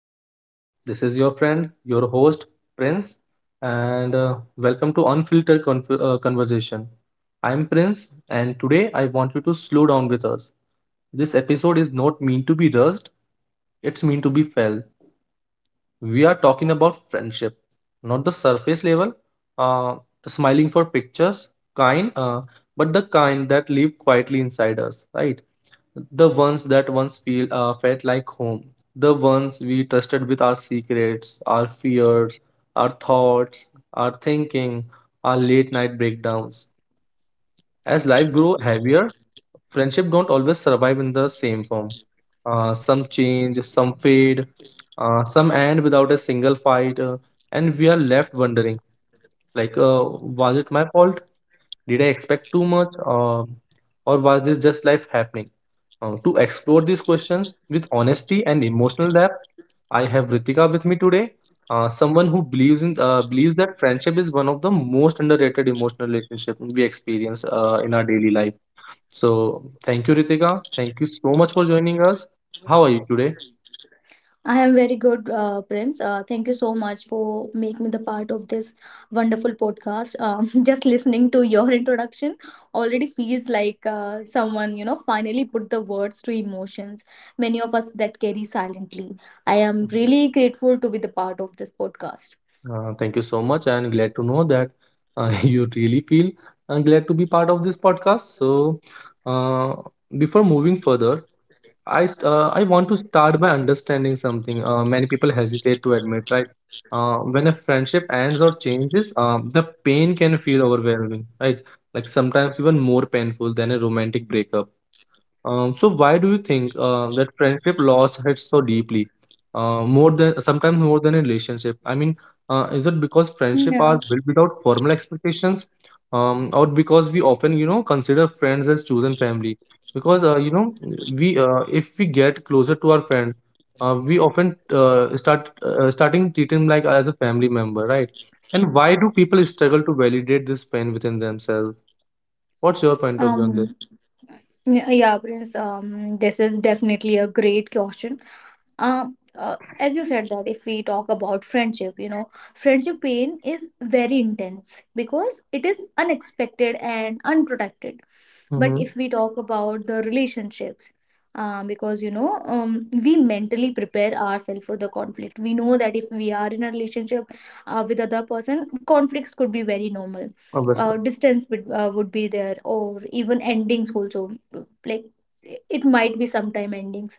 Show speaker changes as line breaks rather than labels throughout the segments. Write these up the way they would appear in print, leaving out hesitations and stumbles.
podcast. This is your friend, your host, Prince, and welcome to Conversation. I'm Prince, and today I want you to slow down with us. This episode is not meant to be rushed, it's meant to be felt. We are talking about friendship, not the surface level, uh, smiling for pictures, kind, uh, but the kind that live quietly inside us, right? The ones that once feel felt like home, the ones we trusted with our secrets, our fears, our thoughts, our thinking, our late night breakdowns. As life grow heavier, friendship don't always survive in the same form. Some change, some fade, some end without a single fight, and we are left wondering, like was it my fault? Did I expect too much, or was this just life happening? To explore these questions with honesty and emotional depth, I have Ritika with me today, someone who believes that friendship is one of the most underrated emotional relationship we experience in our daily life. So thank you, Ritika. Thank you so much for joining us. How are you today?
I am very good, Prince. Thank you so much for making me the part of this wonderful podcast. Just listening to your introduction already feels like someone, finally put the words to emotions many of us that carry silently. I am really grateful to be the part of this podcast.
Thank you so much, and glad to know that you really feel glad to be part of this podcast. So, uh, before moving further, I want to start by understanding something. Many people hesitate to admit, right? When a friendship ends or changes, the pain can feel overwhelming, right? Like sometimes even more painful than a romantic breakup. So why do you think that friendship loss hits so deeply, more than sometimes more than a relationship? I mean, is it because friendship are built without formal expectations, or because we often you know consider friends as chosen family? Because you know we if we get closer to our friend, we often starting treating like as a family member, right? And why do people struggle to validate this pain within themselves? What's your point of view on
Um,
this?
yeah, yeah, Prince. This is definitely a great question as you said that if we talk about friendship, friendship pain is very intense because it is unexpected and unprotected. But
Mm-hmm.
if we talk about the relationships, because we mentally prepare ourselves for the conflict. We know that if we are in a relationship with other person, conflicts could be very normal,
Obviously.
distance would be there, or even endings also. Like, it might be sometime endings,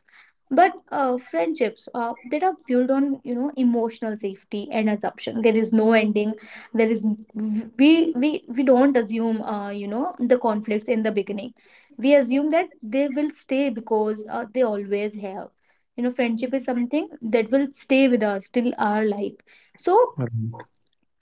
but friendships that are built on, you know, emotional safety and assumption, there is no ending. There is, we don't assume, you know, the conflicts in the beginning. We assume that they will stay because they always have. You know, friendship is something that will stay with us till our life. So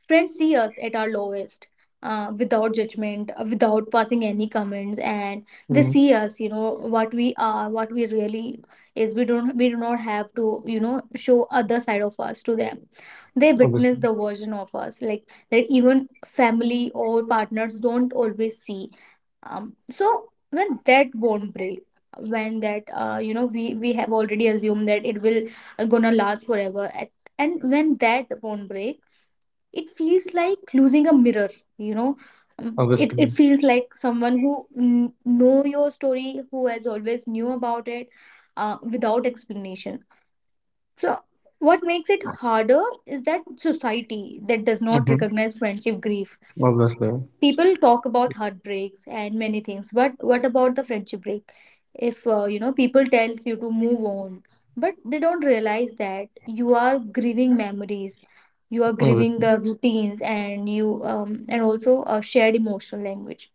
friends see us at our lowest, without judgment, without passing any comments, and they
Mhm.
see us, you know, what we are, what we really is. We do not have to, you know, show other side of us to them. They witness
Obviously.
the version of us, like that even family or partners don't always see. So when that won't break, when that, you know, we have already assumed that it will gonna last forever, and when that won't break, it feels like losing a mirror, you know. Um, it,
Obviously.
it feels like someone who know your story, who has always knew about it without explanation. So what makes it harder is that society, that does not
Mhm.
recognize friendship grief.
Obviously.
People talk about heartbreaks and many things, but what about the friendship break? If you know, people tells you to move on, but they don't realize that you are grieving memories, you are grieving
Obviously.
the routines, and you and also a shared emotional language.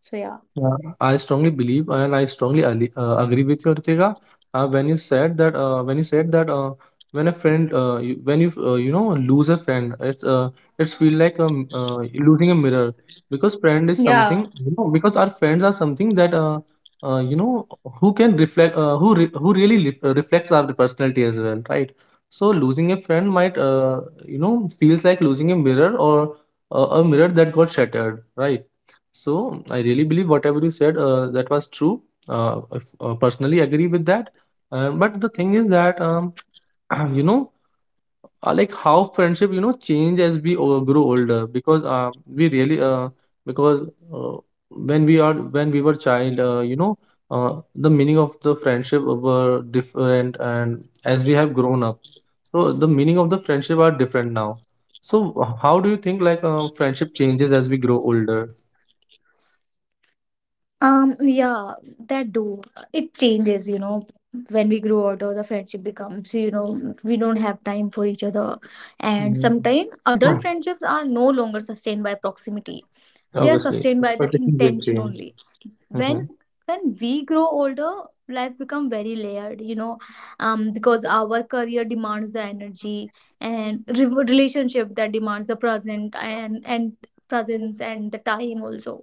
So yeah.
Yeah, I strongly believe and I strongly agree with you, Ritika. When you said that, when a friend, when you you know lose a friend, it's feel like losing a mirror, because friend is something
Yeah.
you know, because our friends are something that you know who can reflect who really reflects our personality as well, right? So losing a friend might you know feels like losing a mirror, or a mirror that got shattered, right? So I really believe whatever you said, that was true. I personally agree with that. But the thing is that you know, like how friendship you know change as we grow older, because we really because uh, when we are, when we were child, you know, the meaning of the friendship were different, and as we have grown up, so the meaning of the friendship are different now. So how do you think like friendship changes as we grow older?
Yeah, that do, it changes, you know. When we grow older, the friendship becomes, you know, we don't have time for each other, and
Mhm.
sometimes adult friendships are no longer sustained by proximity. They are
Obviously,
sustained by the
expectations will
intention
change.
only. when
Mhm,
when we grow older, life become very layered, you know. Because our career demands the energy, and relationship that demands the present and presence and the time also,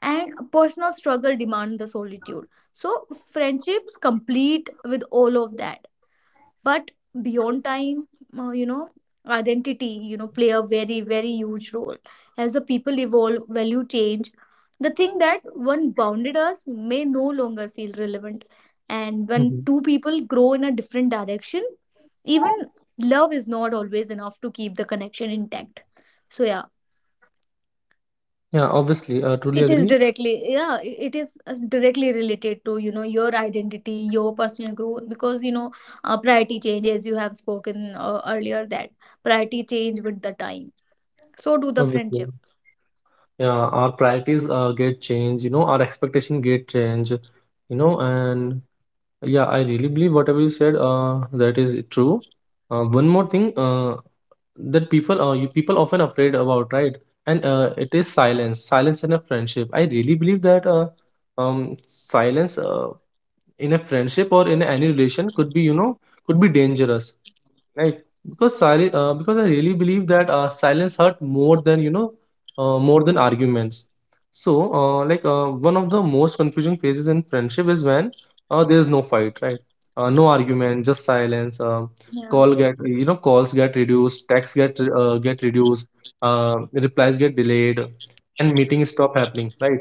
and personal struggle demand the solitude. So friendships complete with all of that. But beyond time, you know, identity, you know, play a very, very huge role. As the people evolve, value change. The thing that one bounded us may no longer feel relevant. And when
mhm.
two people grow in a different direction, even love is not always enough to keep the connection intact. So yeah,
Yeah, obviously, truly
it is
agree.
directly, yeah, it is directly related to, you know, your identity, your personal growth, because, you know, priority change, as you have spoken earlier, that priority change with the time. So do the friendship.
Obviously, yeah, our priorities get changed. You know, our expectation get change. You know, and yeah, I really believe whatever you said. That is true. One more thing. That people you people often afraid about, right? And it is silence in a friendship, I really believe that silence in a friendship or in any relation could be you know could be dangerous. Right, because because I really believe that silence hurt more than you know, more than arguments. So, like one of the most confusing phases in friendship is when there is no fight, right? No argument, just silence.
Yeah.
Calls get reduced, texts get reduced, replies get delayed, and meetings stop happening, right?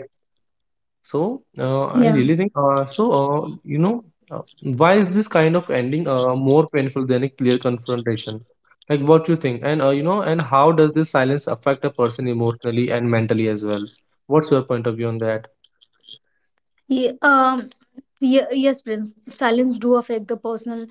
So I
Yeah.
really think so. You know, why is this kind of ending more painful than a clear confrontation? Like, what you think, and you know, and how does this silence affect a person emotionally and mentally as well? What's your point of view on that?
Yeah. Yes, Prince, silence do affect the personal,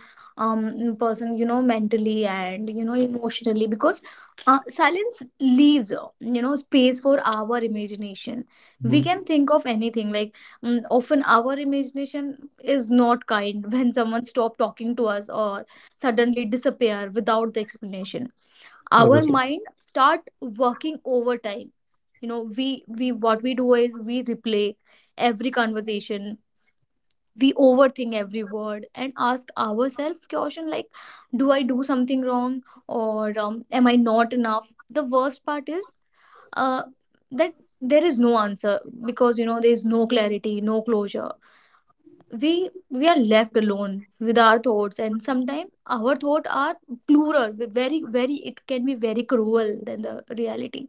person, you know, mentally and, you know, emotionally, because silence leaves, you know, space for our imagination. We
Mhm.
can think of anything, like, mm, often our imagination is not kind. When someone stop talking to us or suddenly disappear without the explanation, our
Obviously,
mind start working overtime. You know, we what we do is we replay every conversation. We overthink every word and ask ourselves question like, do I do something wrong? Or am I not enough? The worst part is uh, that there is no answer, because, you know, there is no clarity, no closure. we we are left alone with our thoughts, and sometimes our thoughts are plural, very very, it can be very cruel than the reality.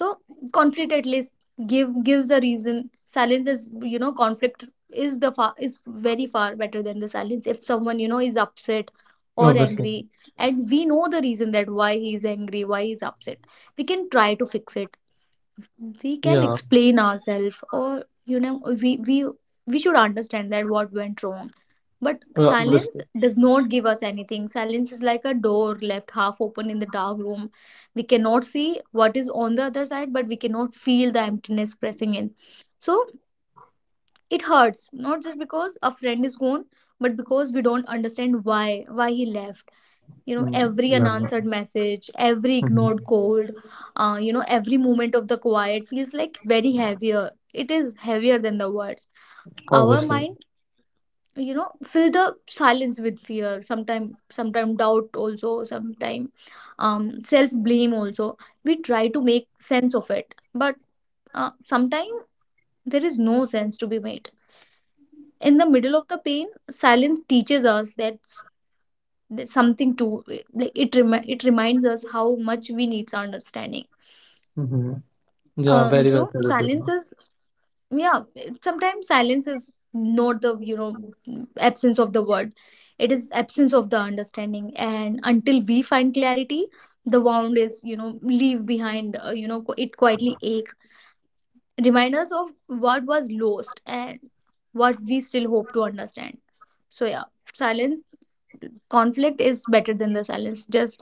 So conflict at least gives a reason. Silence is, you know, conflict is the far is very far better than the silence. If someone, you know, is upset or
obviously,
angry, and we know the reason that why he is angry, why he is upset, we can try to fix it. We can
yeah,
explain ourselves, or, you know, we we should understand that what went wrong. But
yeah,
silence
obviously,
does not give us anything. Silence is like a door left half open in the dark room. We cannot see what is on the other side, but we cannot feel the emptiness pressing in. So it hurts not just because a friend is gone, but because we don't understand why he left. You know,
mm,
every
yeah,
unanswered message, every ignored
mhm,
cold, you know, every moment of the quiet feels like very heavier. It is heavier than the words. Our
obviously,
mind, you know, fill the silence with fear sometime, sometime doubt also, sometime, um, self blame also. We try to make sense of it, but sometimes there is no sense to be made. In the middle of the pain, silence teaches us that there's something to like it. It reminds us how much we need our understanding.
hmm, yeah, very well
So
said,
silence
Upesha.
is, yeah. Sometimes silence is not the, you know, absence of the word. It is absence of the understanding, and until we find clarity, the wound is, you know, leave behind. You know, it quietly ache. Remind us of what was lost and what we still hope to understand. So yeah, silence, conflict is better than the silence. Just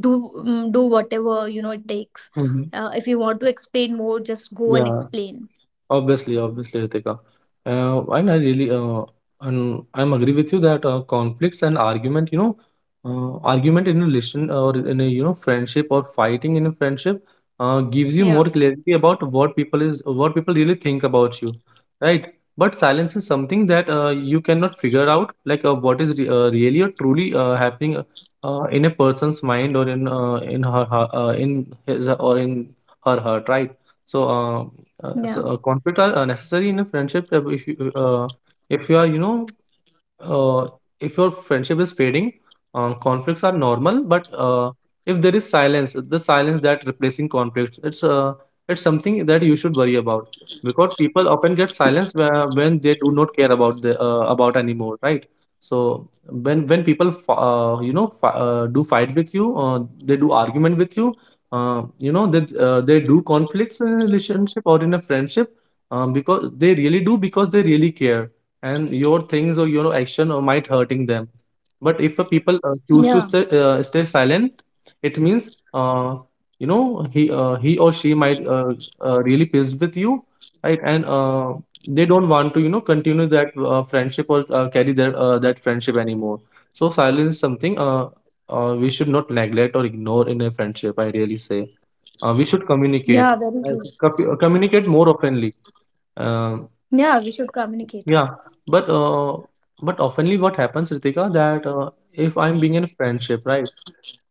do, mm, do whatever, you know, it takes.
Mhm.
If you want to explain more, just go and
Yeah.
explain.
Obviously, obviously, Ritika. And I really, and I'm agree with you that conflicts and argument, you know, argument in a relation or in a, you know, friendship or fighting in a friendship, gives you
Yeah.
more clarity about what people is, what people really think about you, right? But silence is something that you cannot figure out, like what is re really or truly happening in a person's mind or in her, her in his or in her heart, right? So. Uh, uh, so
Yeah.
uh, conflict are necessary in a friendship, if you are you know uh, if your friendship is fading, conflicts are normal. But if there is silence, the silence that replacing conflicts, it's something that you should worry about, because people often get silence when they do not care about the about anymore, right? So when people you know do fight with you, they do argument with you. You know they do conflicts in a relationship or in a friendship, because they really do, because they really care, and your things or your action or might hurting them. But if a people uh, choose
Yeah.
to stay, uh, stay silent, it means you know he or she might really pissed with you, right? And they don't want to you know continue that friendship or carry their that friendship anymore. So silence is something we should not neglect or ignore in a friendship, I really say. We should communicate,
Yeah, very
right?
true.
Communicate more openly. Um,
Yeah, we should communicate.
yeah, but oftenly what happens, Ritika, that if I'm being in a friendship, right?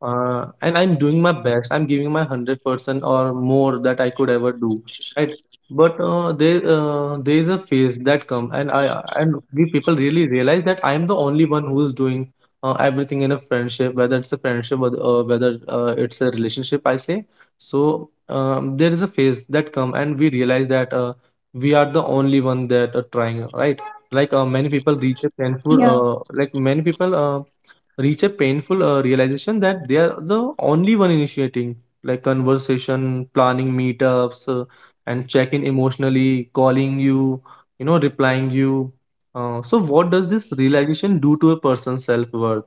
And I'm doing my best, I'm giving my 100% or more that I could ever do, right? But there is a phase that comes, and I and we people really realize that I'm the only one who's doing everything in a friendship, whether it's a friendship or whether it's a relationship, I say. So there is a phase that come, and we realize that we are the only one that are trying, right? Like many people reach a
Yeah.
painful like many people reach a painful realization that they are the only one initiating, like conversation, planning meetups, and check in emotionally, calling you, you know, replying you. So what does this realization do to a person's self-worth,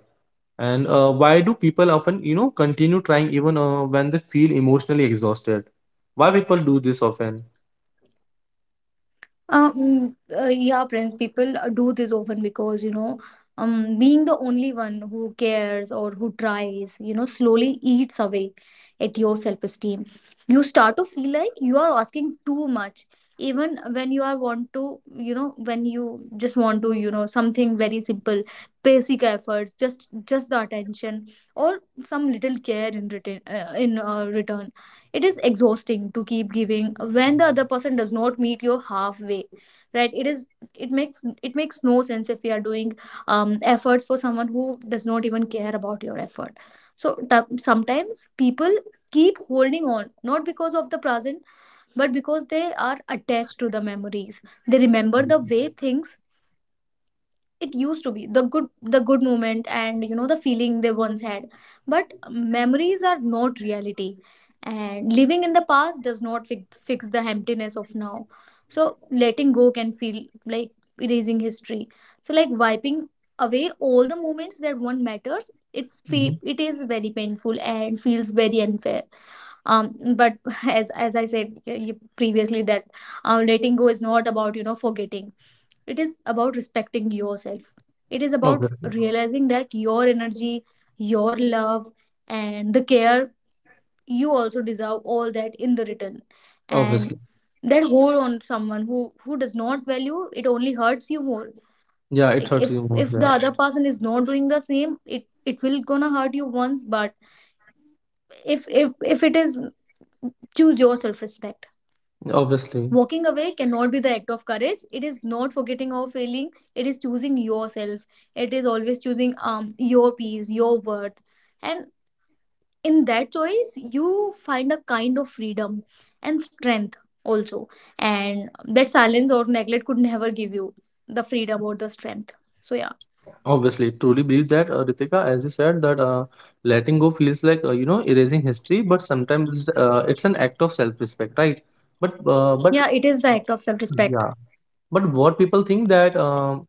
and why do people often you know continue trying even when they feel emotionally exhausted? Why people do this often?
Yeah, friends, people do this often because, you know, being the only one who cares or who tries, you know, slowly eats away at your self-esteem. You start to feel like you are asking too much, even when you are want to, you know, when you just want to, you know, something very simple, basic efforts, just the attention or some little care in return, in return. It is exhausting to keep giving when the other person does not meet your halfway. Right, it is, it makes, it makes no sense if we are doing efforts for someone who does not even care about your effort. So sometimes people keep holding on, not because of the present, but because they are attached to the memories. They remember the way things it used to be, the good, the good moment, and, you know, the feeling they once had. But memories are not reality, and living in the past does not fix the emptiness of now. So letting go can feel like erasing history, so like wiping away all the moments that one matters.
Mhm.
It is very painful and feels very unfair. um but as I said, previously, that letting go is not about, you know, forgetting. It is about respecting yourself. It is about
Obviously.
realizing that your energy, your love, and the care, you also deserve all that in the return. And
Obviously.
that hold on someone who does not value it only hurts you more.
Yeah, it
Like,
hurts you more.
if the
Yeah.
other person is not doing the same, it will gonna hurt you once. But if it is, choose your self respect.
Obviously.
Walking away cannot be the act of courage. It is not forgetting or failing. It is choosing yourself. It is always choosing your peace, your worth. And in that choice, you find a kind of freedom and strength also. And that silence or neglect could never give you the freedom or the strength. So yeah.
Obviously, truly believe that, Ritika, as you said, that letting go feels like you know erasing history, but sometimes it's an act of self-respect, right? But
Yeah, it is the act of self-respect.
yeah, but what people think that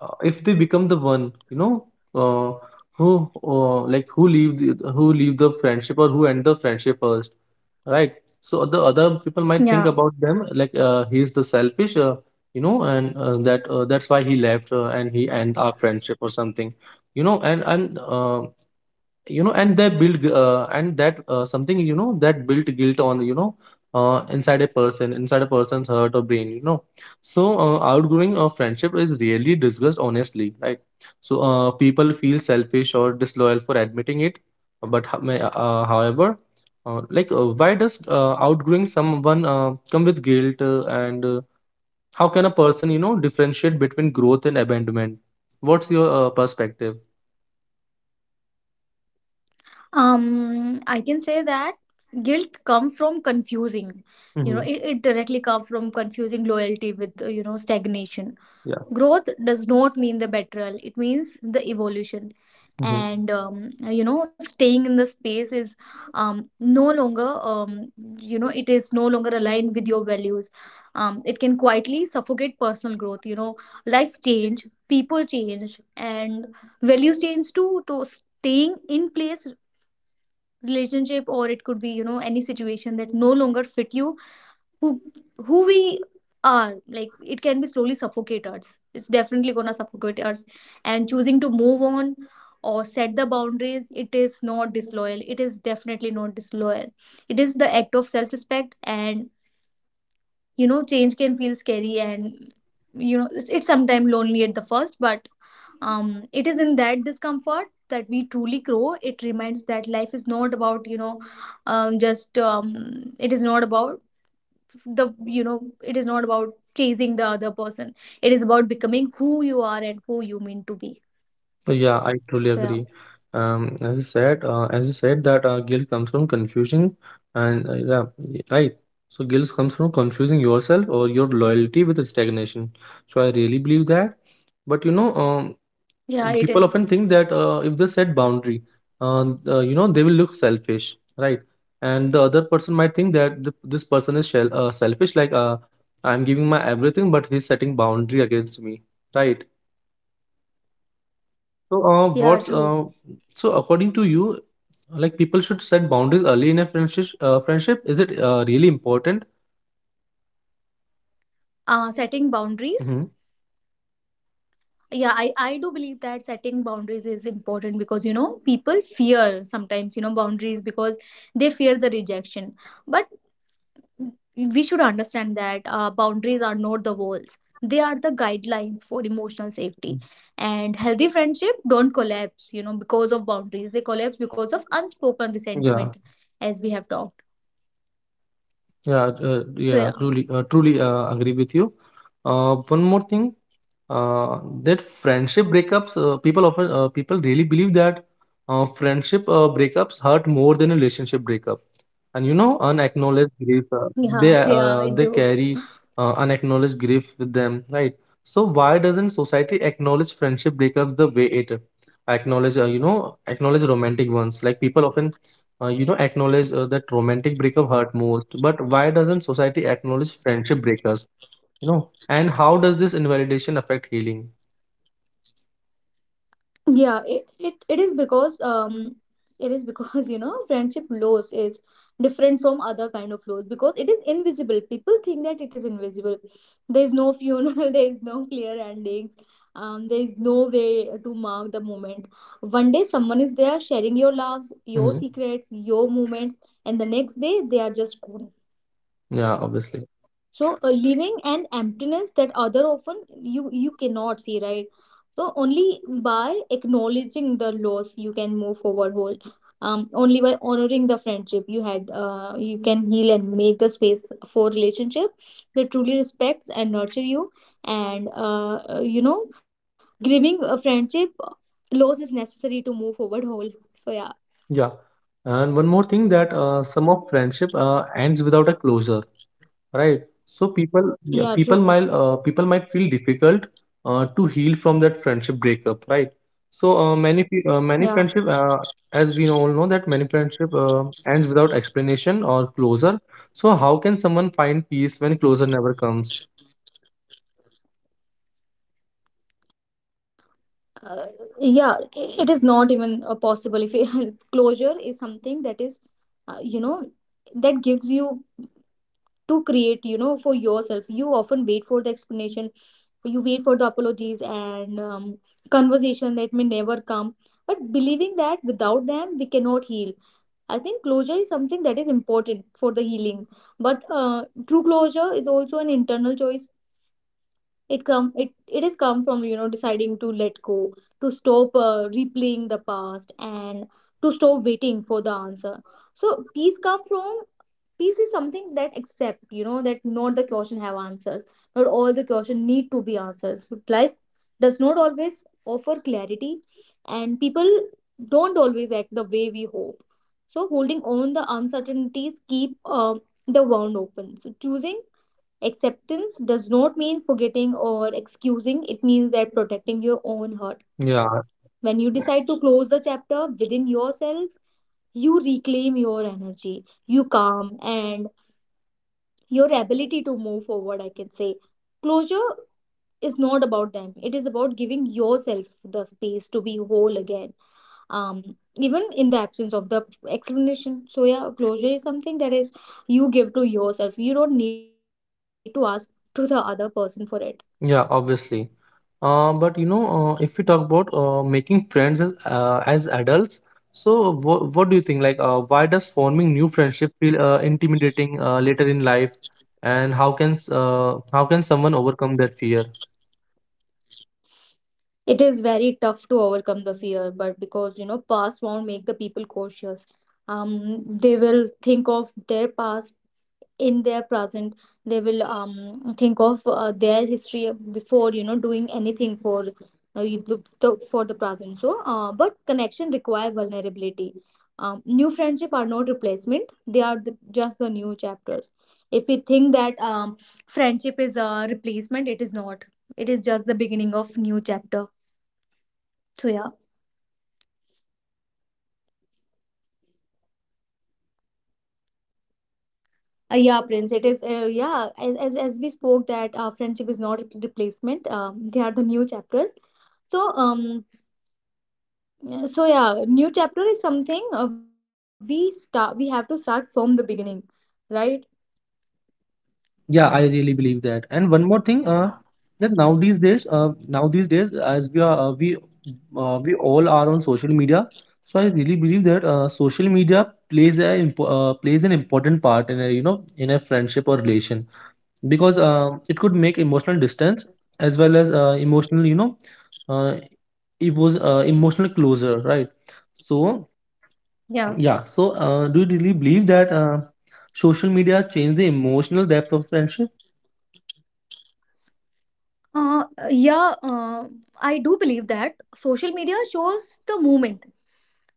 if they become the one you know uh, who like who leave the friendship, or who end the friendship first, right? So the other people might think
Yeah.
about them, like he is the selfish, you know, and that's why he left, and he end our friendship or something, you know. And you know, and they build and that something you know that built guilt on, you know, inside a person, inside a person's heart or brain, you know. So outgrowing a friendship is really discussed honestly, right? So people feel selfish or disloyal for admitting it, but however, why does outgrowing someone come with guilt, and how can a person you know differentiate between growth and abandonment? What's your perspective?
I can say that guilt comes from confusing you know
Hmm,
it, it directly comes from confusing loyalty with stagnation.
yeah,
Growth does not mean the betrayal, it means the evolution.
hmm.
And staying in the space is no longer, it is no longer aligned with your values. It can quietly suffocate personal growth, life change, people change, and values change too. To staying in place relationship, or it could be any situation that no longer fit you, who who we are, like it can be slowly suffocate us. It's definitely gonna suffocate us. And choosing to move on or set the boundaries, it is not disloyal, it is definitely not disloyal. It is the act of self-respect. And change can feel scary, and it's sometimes lonely at the first. But it is in that discomfort that we truly grow. It reminds that life is not about you know just it is not about the you know it is not about chasing the other person, it is about becoming who you are and who you mean to be.
So, yeah, I truly
So yeah.
agree. As you said that guilt comes from confusing, and yeah, right. So guilt comes from confusing yourself or your loyalty with stagnation. So I really believe that.
Yeah, it
But you
is.
know, people often think that if they set boundary, uh, they will look selfish, right? And the other person might think that th this person is shell selfish, like I'm giving my everything, but he's setting boundary against me, right? So, uh,
Yeah,
what's
true.
uh, so according to you, like people should set boundaries early in a friendship? Friendship, is it really important?
Setting boundaries,
Hmm.
yeah, I do believe that setting boundaries is important, because you know people fear sometimes, you know, boundaries because they fear the rejection. But we should understand that boundaries are not the walls, they are the guidelines for emotional safety. And healthy friendship don't collapse, you know, because of boundaries, they collapse because of unspoken
Yeah,
resentment, as we have talked.
yeah, uh,
So yeah.
yeah. Truly agree with you. One more thing. That friendship breakups, people really believe that friendship breakups hurt more than a relationship breakup, and you know, unacknowledged grief,
Yeah, yeah, I do.
they carry unacknowledged grief with them, right? So why doesn't society acknowledge friendship breakups the way it acknowledge, acknowledge romantic ones? Like people often acknowledge that romantic breakup hurt most, but why doesn't society acknowledge friendship breakups, you know, and how does this invalidation affect healing?
Yeah, it is because it is because you know friendship loss is different from other kind of loss because it is invisible. People think that it is invisible. There is no funeral, there is no clear endings. There is no way to mark the moment. One day someone is there sharing your loves, your
Hmm.
secrets, your moments, and the next day they are just gone.
Yeah, obviously.
So leaving an emptiness that other often you cannot see, right? So only by acknowledging the loss you can move forward whole. Um, only by honoring the friendship you had, you can heal and make the space for relationship that truly respects and nurture you. And grieving a friendship loss is necessary to move forward whole. So yeah.
Yeah. And one more thing, that some of friendship ends without a closure, right? So people, yeah,
Yeah, true.
people might feel difficult to heal from that friendship breakup, right? So many friendship,
Yeah.
as we all know that many friendship ends without explanation or closure. So how can someone find peace when closure never comes?
uh, it is not even possible if you, closure is something that is uh, you know that gives you to create, you know, for yourself. You often wait for the explanation, you wait for the apologies and conversation that may never come. But believing that without them we cannot heal, I think closure is something that is important for the healing. But true closure is also an internal choice. It has come from, you know, deciding to let go, to stop replaying the past, and to stop waiting for the answer. So peace come from, peace is something that accept, you know, that not the question have answers, not all the question need to be answers. So life does not always offer clarity, and people don't always act the way we hope. So holding on the uncertainties keep the wound open. So choosing acceptance does not mean forgetting or excusing, it means that protecting your own heart.
Yeah.
When you decide to close the chapter within yourself, you reclaim your energy, you calm, and your ability to move forward. I can say closure is not about them, it is about giving yourself the space to be whole again, even in the absence of the explanation. So yeah, closure is something that is you give to yourself, you don't need to ask to the other person for it.
Yeah, obviously. But you know, if we talk about making friends as adults, so what do you think? Like, why does forming new friendship feel intimidating later in life, and how can someone overcome that fear?
It is very tough to overcome the fear, but because you know past won't make the people cautious. Um, they will think of their past in their present, they will think of their history before, you know, doing anything for for the present. So but connection require vulnerability. New friendship are not replacement, they are just the new chapters. If we think that friendship is a replacement, it is not, it is just the beginning of new chapter. So yeah, yeah, Prince. It is, yeah, as as we spoke that friendship is not a replacement. They are the new chapters. So so yeah, new chapter is something we start. We have to start from the beginning, right?
Yeah, I really believe that. And one more thing, that now these days, as we are, we all are on social media. So I really believe that social media plays plays an important part in a, you know, in a friendship or relation, because it could make emotional distance as well as emotional, you know, uh, it was emotional closure, right? So
Yeah.
yeah, so do you really believe that social media changed the emotional depth of friendship?
Yeah. I do believe that social media shows the moment,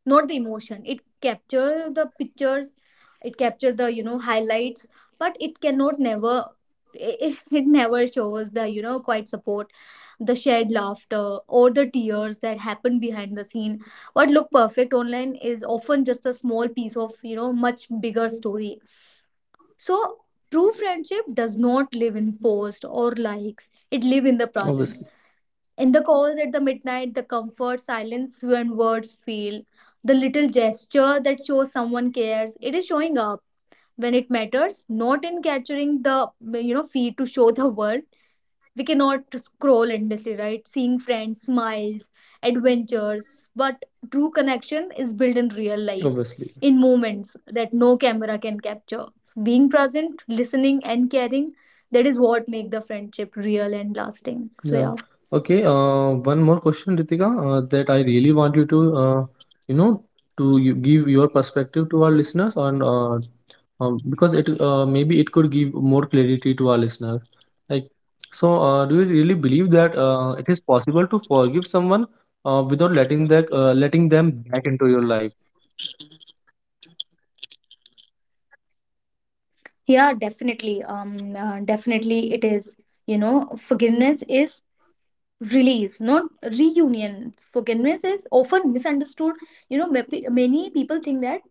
not the emotion. It captures the pictures. It captures the, you know, highlights, but it cannot never. It, it never shows the, you know, quite support, the shared laughter or the tears that happen behind the scene. What look perfect online is often just a small piece of, you know, much bigger story. So true friendship does not live in posts or likes, it live in the
Obviously.
presence, in the calls at the midnight, the comfort silence when words fail, the little gesture that shows someone cares. It is showing up when it matters, not in capturing the, you know, feed to show the world. We cannot scroll endlessly, right, seeing friends smiles, adventures. But true connection is built in real life,
Obviously.
in moments that no camera can capture, being present, listening and caring. That is what make the friendship real and lasting. So
Yeah.
yeah.
Okay. One more question, Ritika, that I really want you to, you know, to you give your perspective to our listeners on, because it maybe it could give more clarity to our listeners. Like, so, do you really believe that it is possible to forgive someone without letting them back into your life?
Yeah, definitely. Definitely it is, you know, forgiveness is release, not reunion. Forgiveness is often misunderstood, you know, many people think that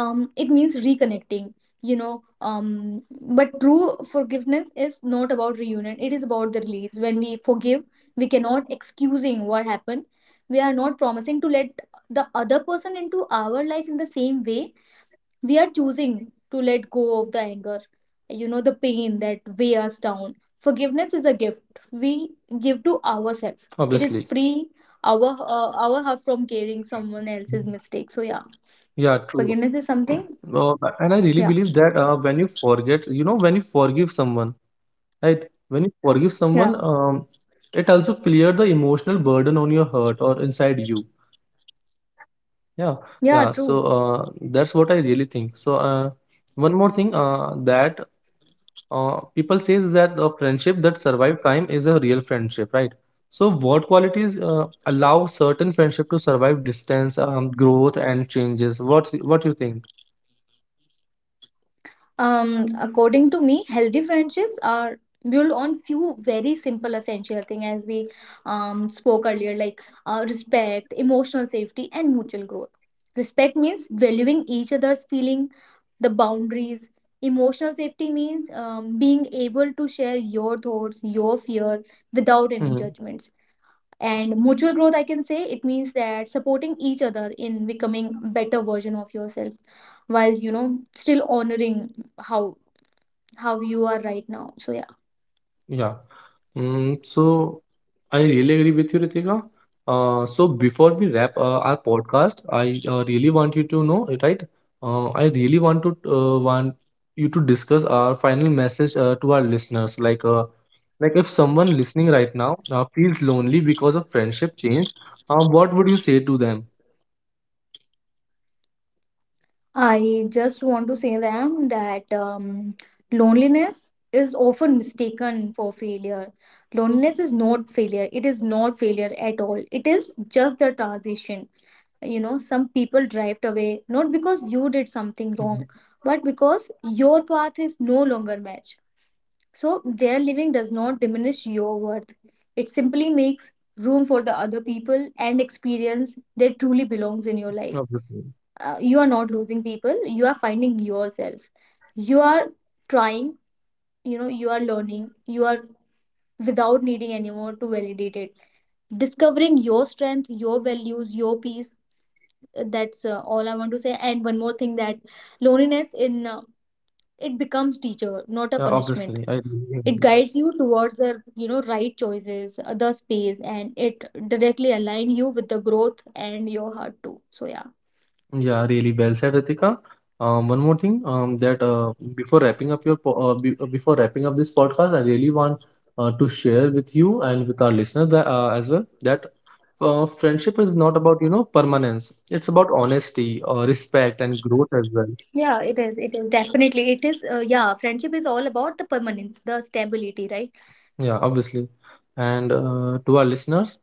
it means reconnecting, you know um but true forgiveness is not about reunion, it is about the release. When we forgive, we cannot excusing what happened, we are not promising to let the other person into our life in the same way, we are choosing to let go of the anger, you know, the pain that weigh us down. Forgiveness is a gift we give to ourselves, it is
Obviously.
free our heart from carrying someone
Mhm.
else's mistake. So yeah,
Yeah, true.
forgiveness is something.
And I really
Yeah.
believe that when you forget, you know, when you forgive someone. Right. When you forgive
Yeah.
someone, it also clear the emotional burden on your heart or inside you.
Yeah,
Yeah,
true.
yeah. So that's what I really think. So one more thing that people say is that a friendship that survive time is a real friendship, right? So what qualities allow certain friendship to survive distance, growth, and changes? What you think?
Um, according to me healthy friendships are built on few very simple essential things, as we spoke earlier, like respect, emotional safety, and mutual growth. Respect means valuing each other's feeling, the boundaries. Emotional safety means being able to share your thoughts, your fear, without any
Mm-hmm.
judgments. And mutual growth, I can say, it means that supporting each other in becoming better version of yourself, while, you know, still honoring how you are right now. So yeah,
Yeah. Mm, so I really agree with you, Ritika. So before we wrap our podcast, I really want you to know, right? I really want you to discuss our final message to our listeners. Like if someone listening right now feels lonely because of friendship change, what would you say to them?
I just want to say them that loneliness is often mistaken for failure. Loneliness is not failure. It is not failure at all. It is just the transition. You know, some people drift away not because you did something
Mhm.
wrong, but because your path is no longer match. So their living does not diminish your worth. It simply makes room for the other people and experience that truly belongs in your life.
Obviously,
You are not losing people, you are finding yourself. You are trying, you know, you are learning, you are without needing anyone to validate it. Discovering your strength, your values, your peace. That's all I want to say. And one more thing, that loneliness in it becomes teacher, not a
yeah,
punishment.
obviously, I really
It
agree.
guides you towards the, you know, right choices, the space, and it directly align you with the growth and your heart too. So yeah.
Yeah, really well said, Ritika. One more thing, that before wrapping up your po- be- before wrapping up this podcast, I really want to share with you and with our listeners that, as well that friendship is not about, you know, permanence. It's about honesty, respect, and growth
Yeah,
as
it
well.
is, it is definitely, it is, yeah, friendship is all about the permanence, the stability, right?
Yeah, obviously. And to our listeners,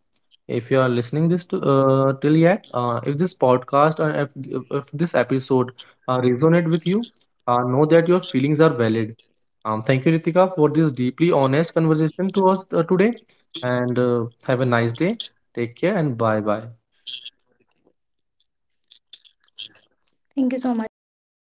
if you are listening this to, till yet, if this podcast or if this episode resonate with you, know that your feelings are valid. Thank you, Ritika, for this deeply honest conversation to us today. And have a nice day. Take care and bye bye.
Thank you so much, Prince, for having me.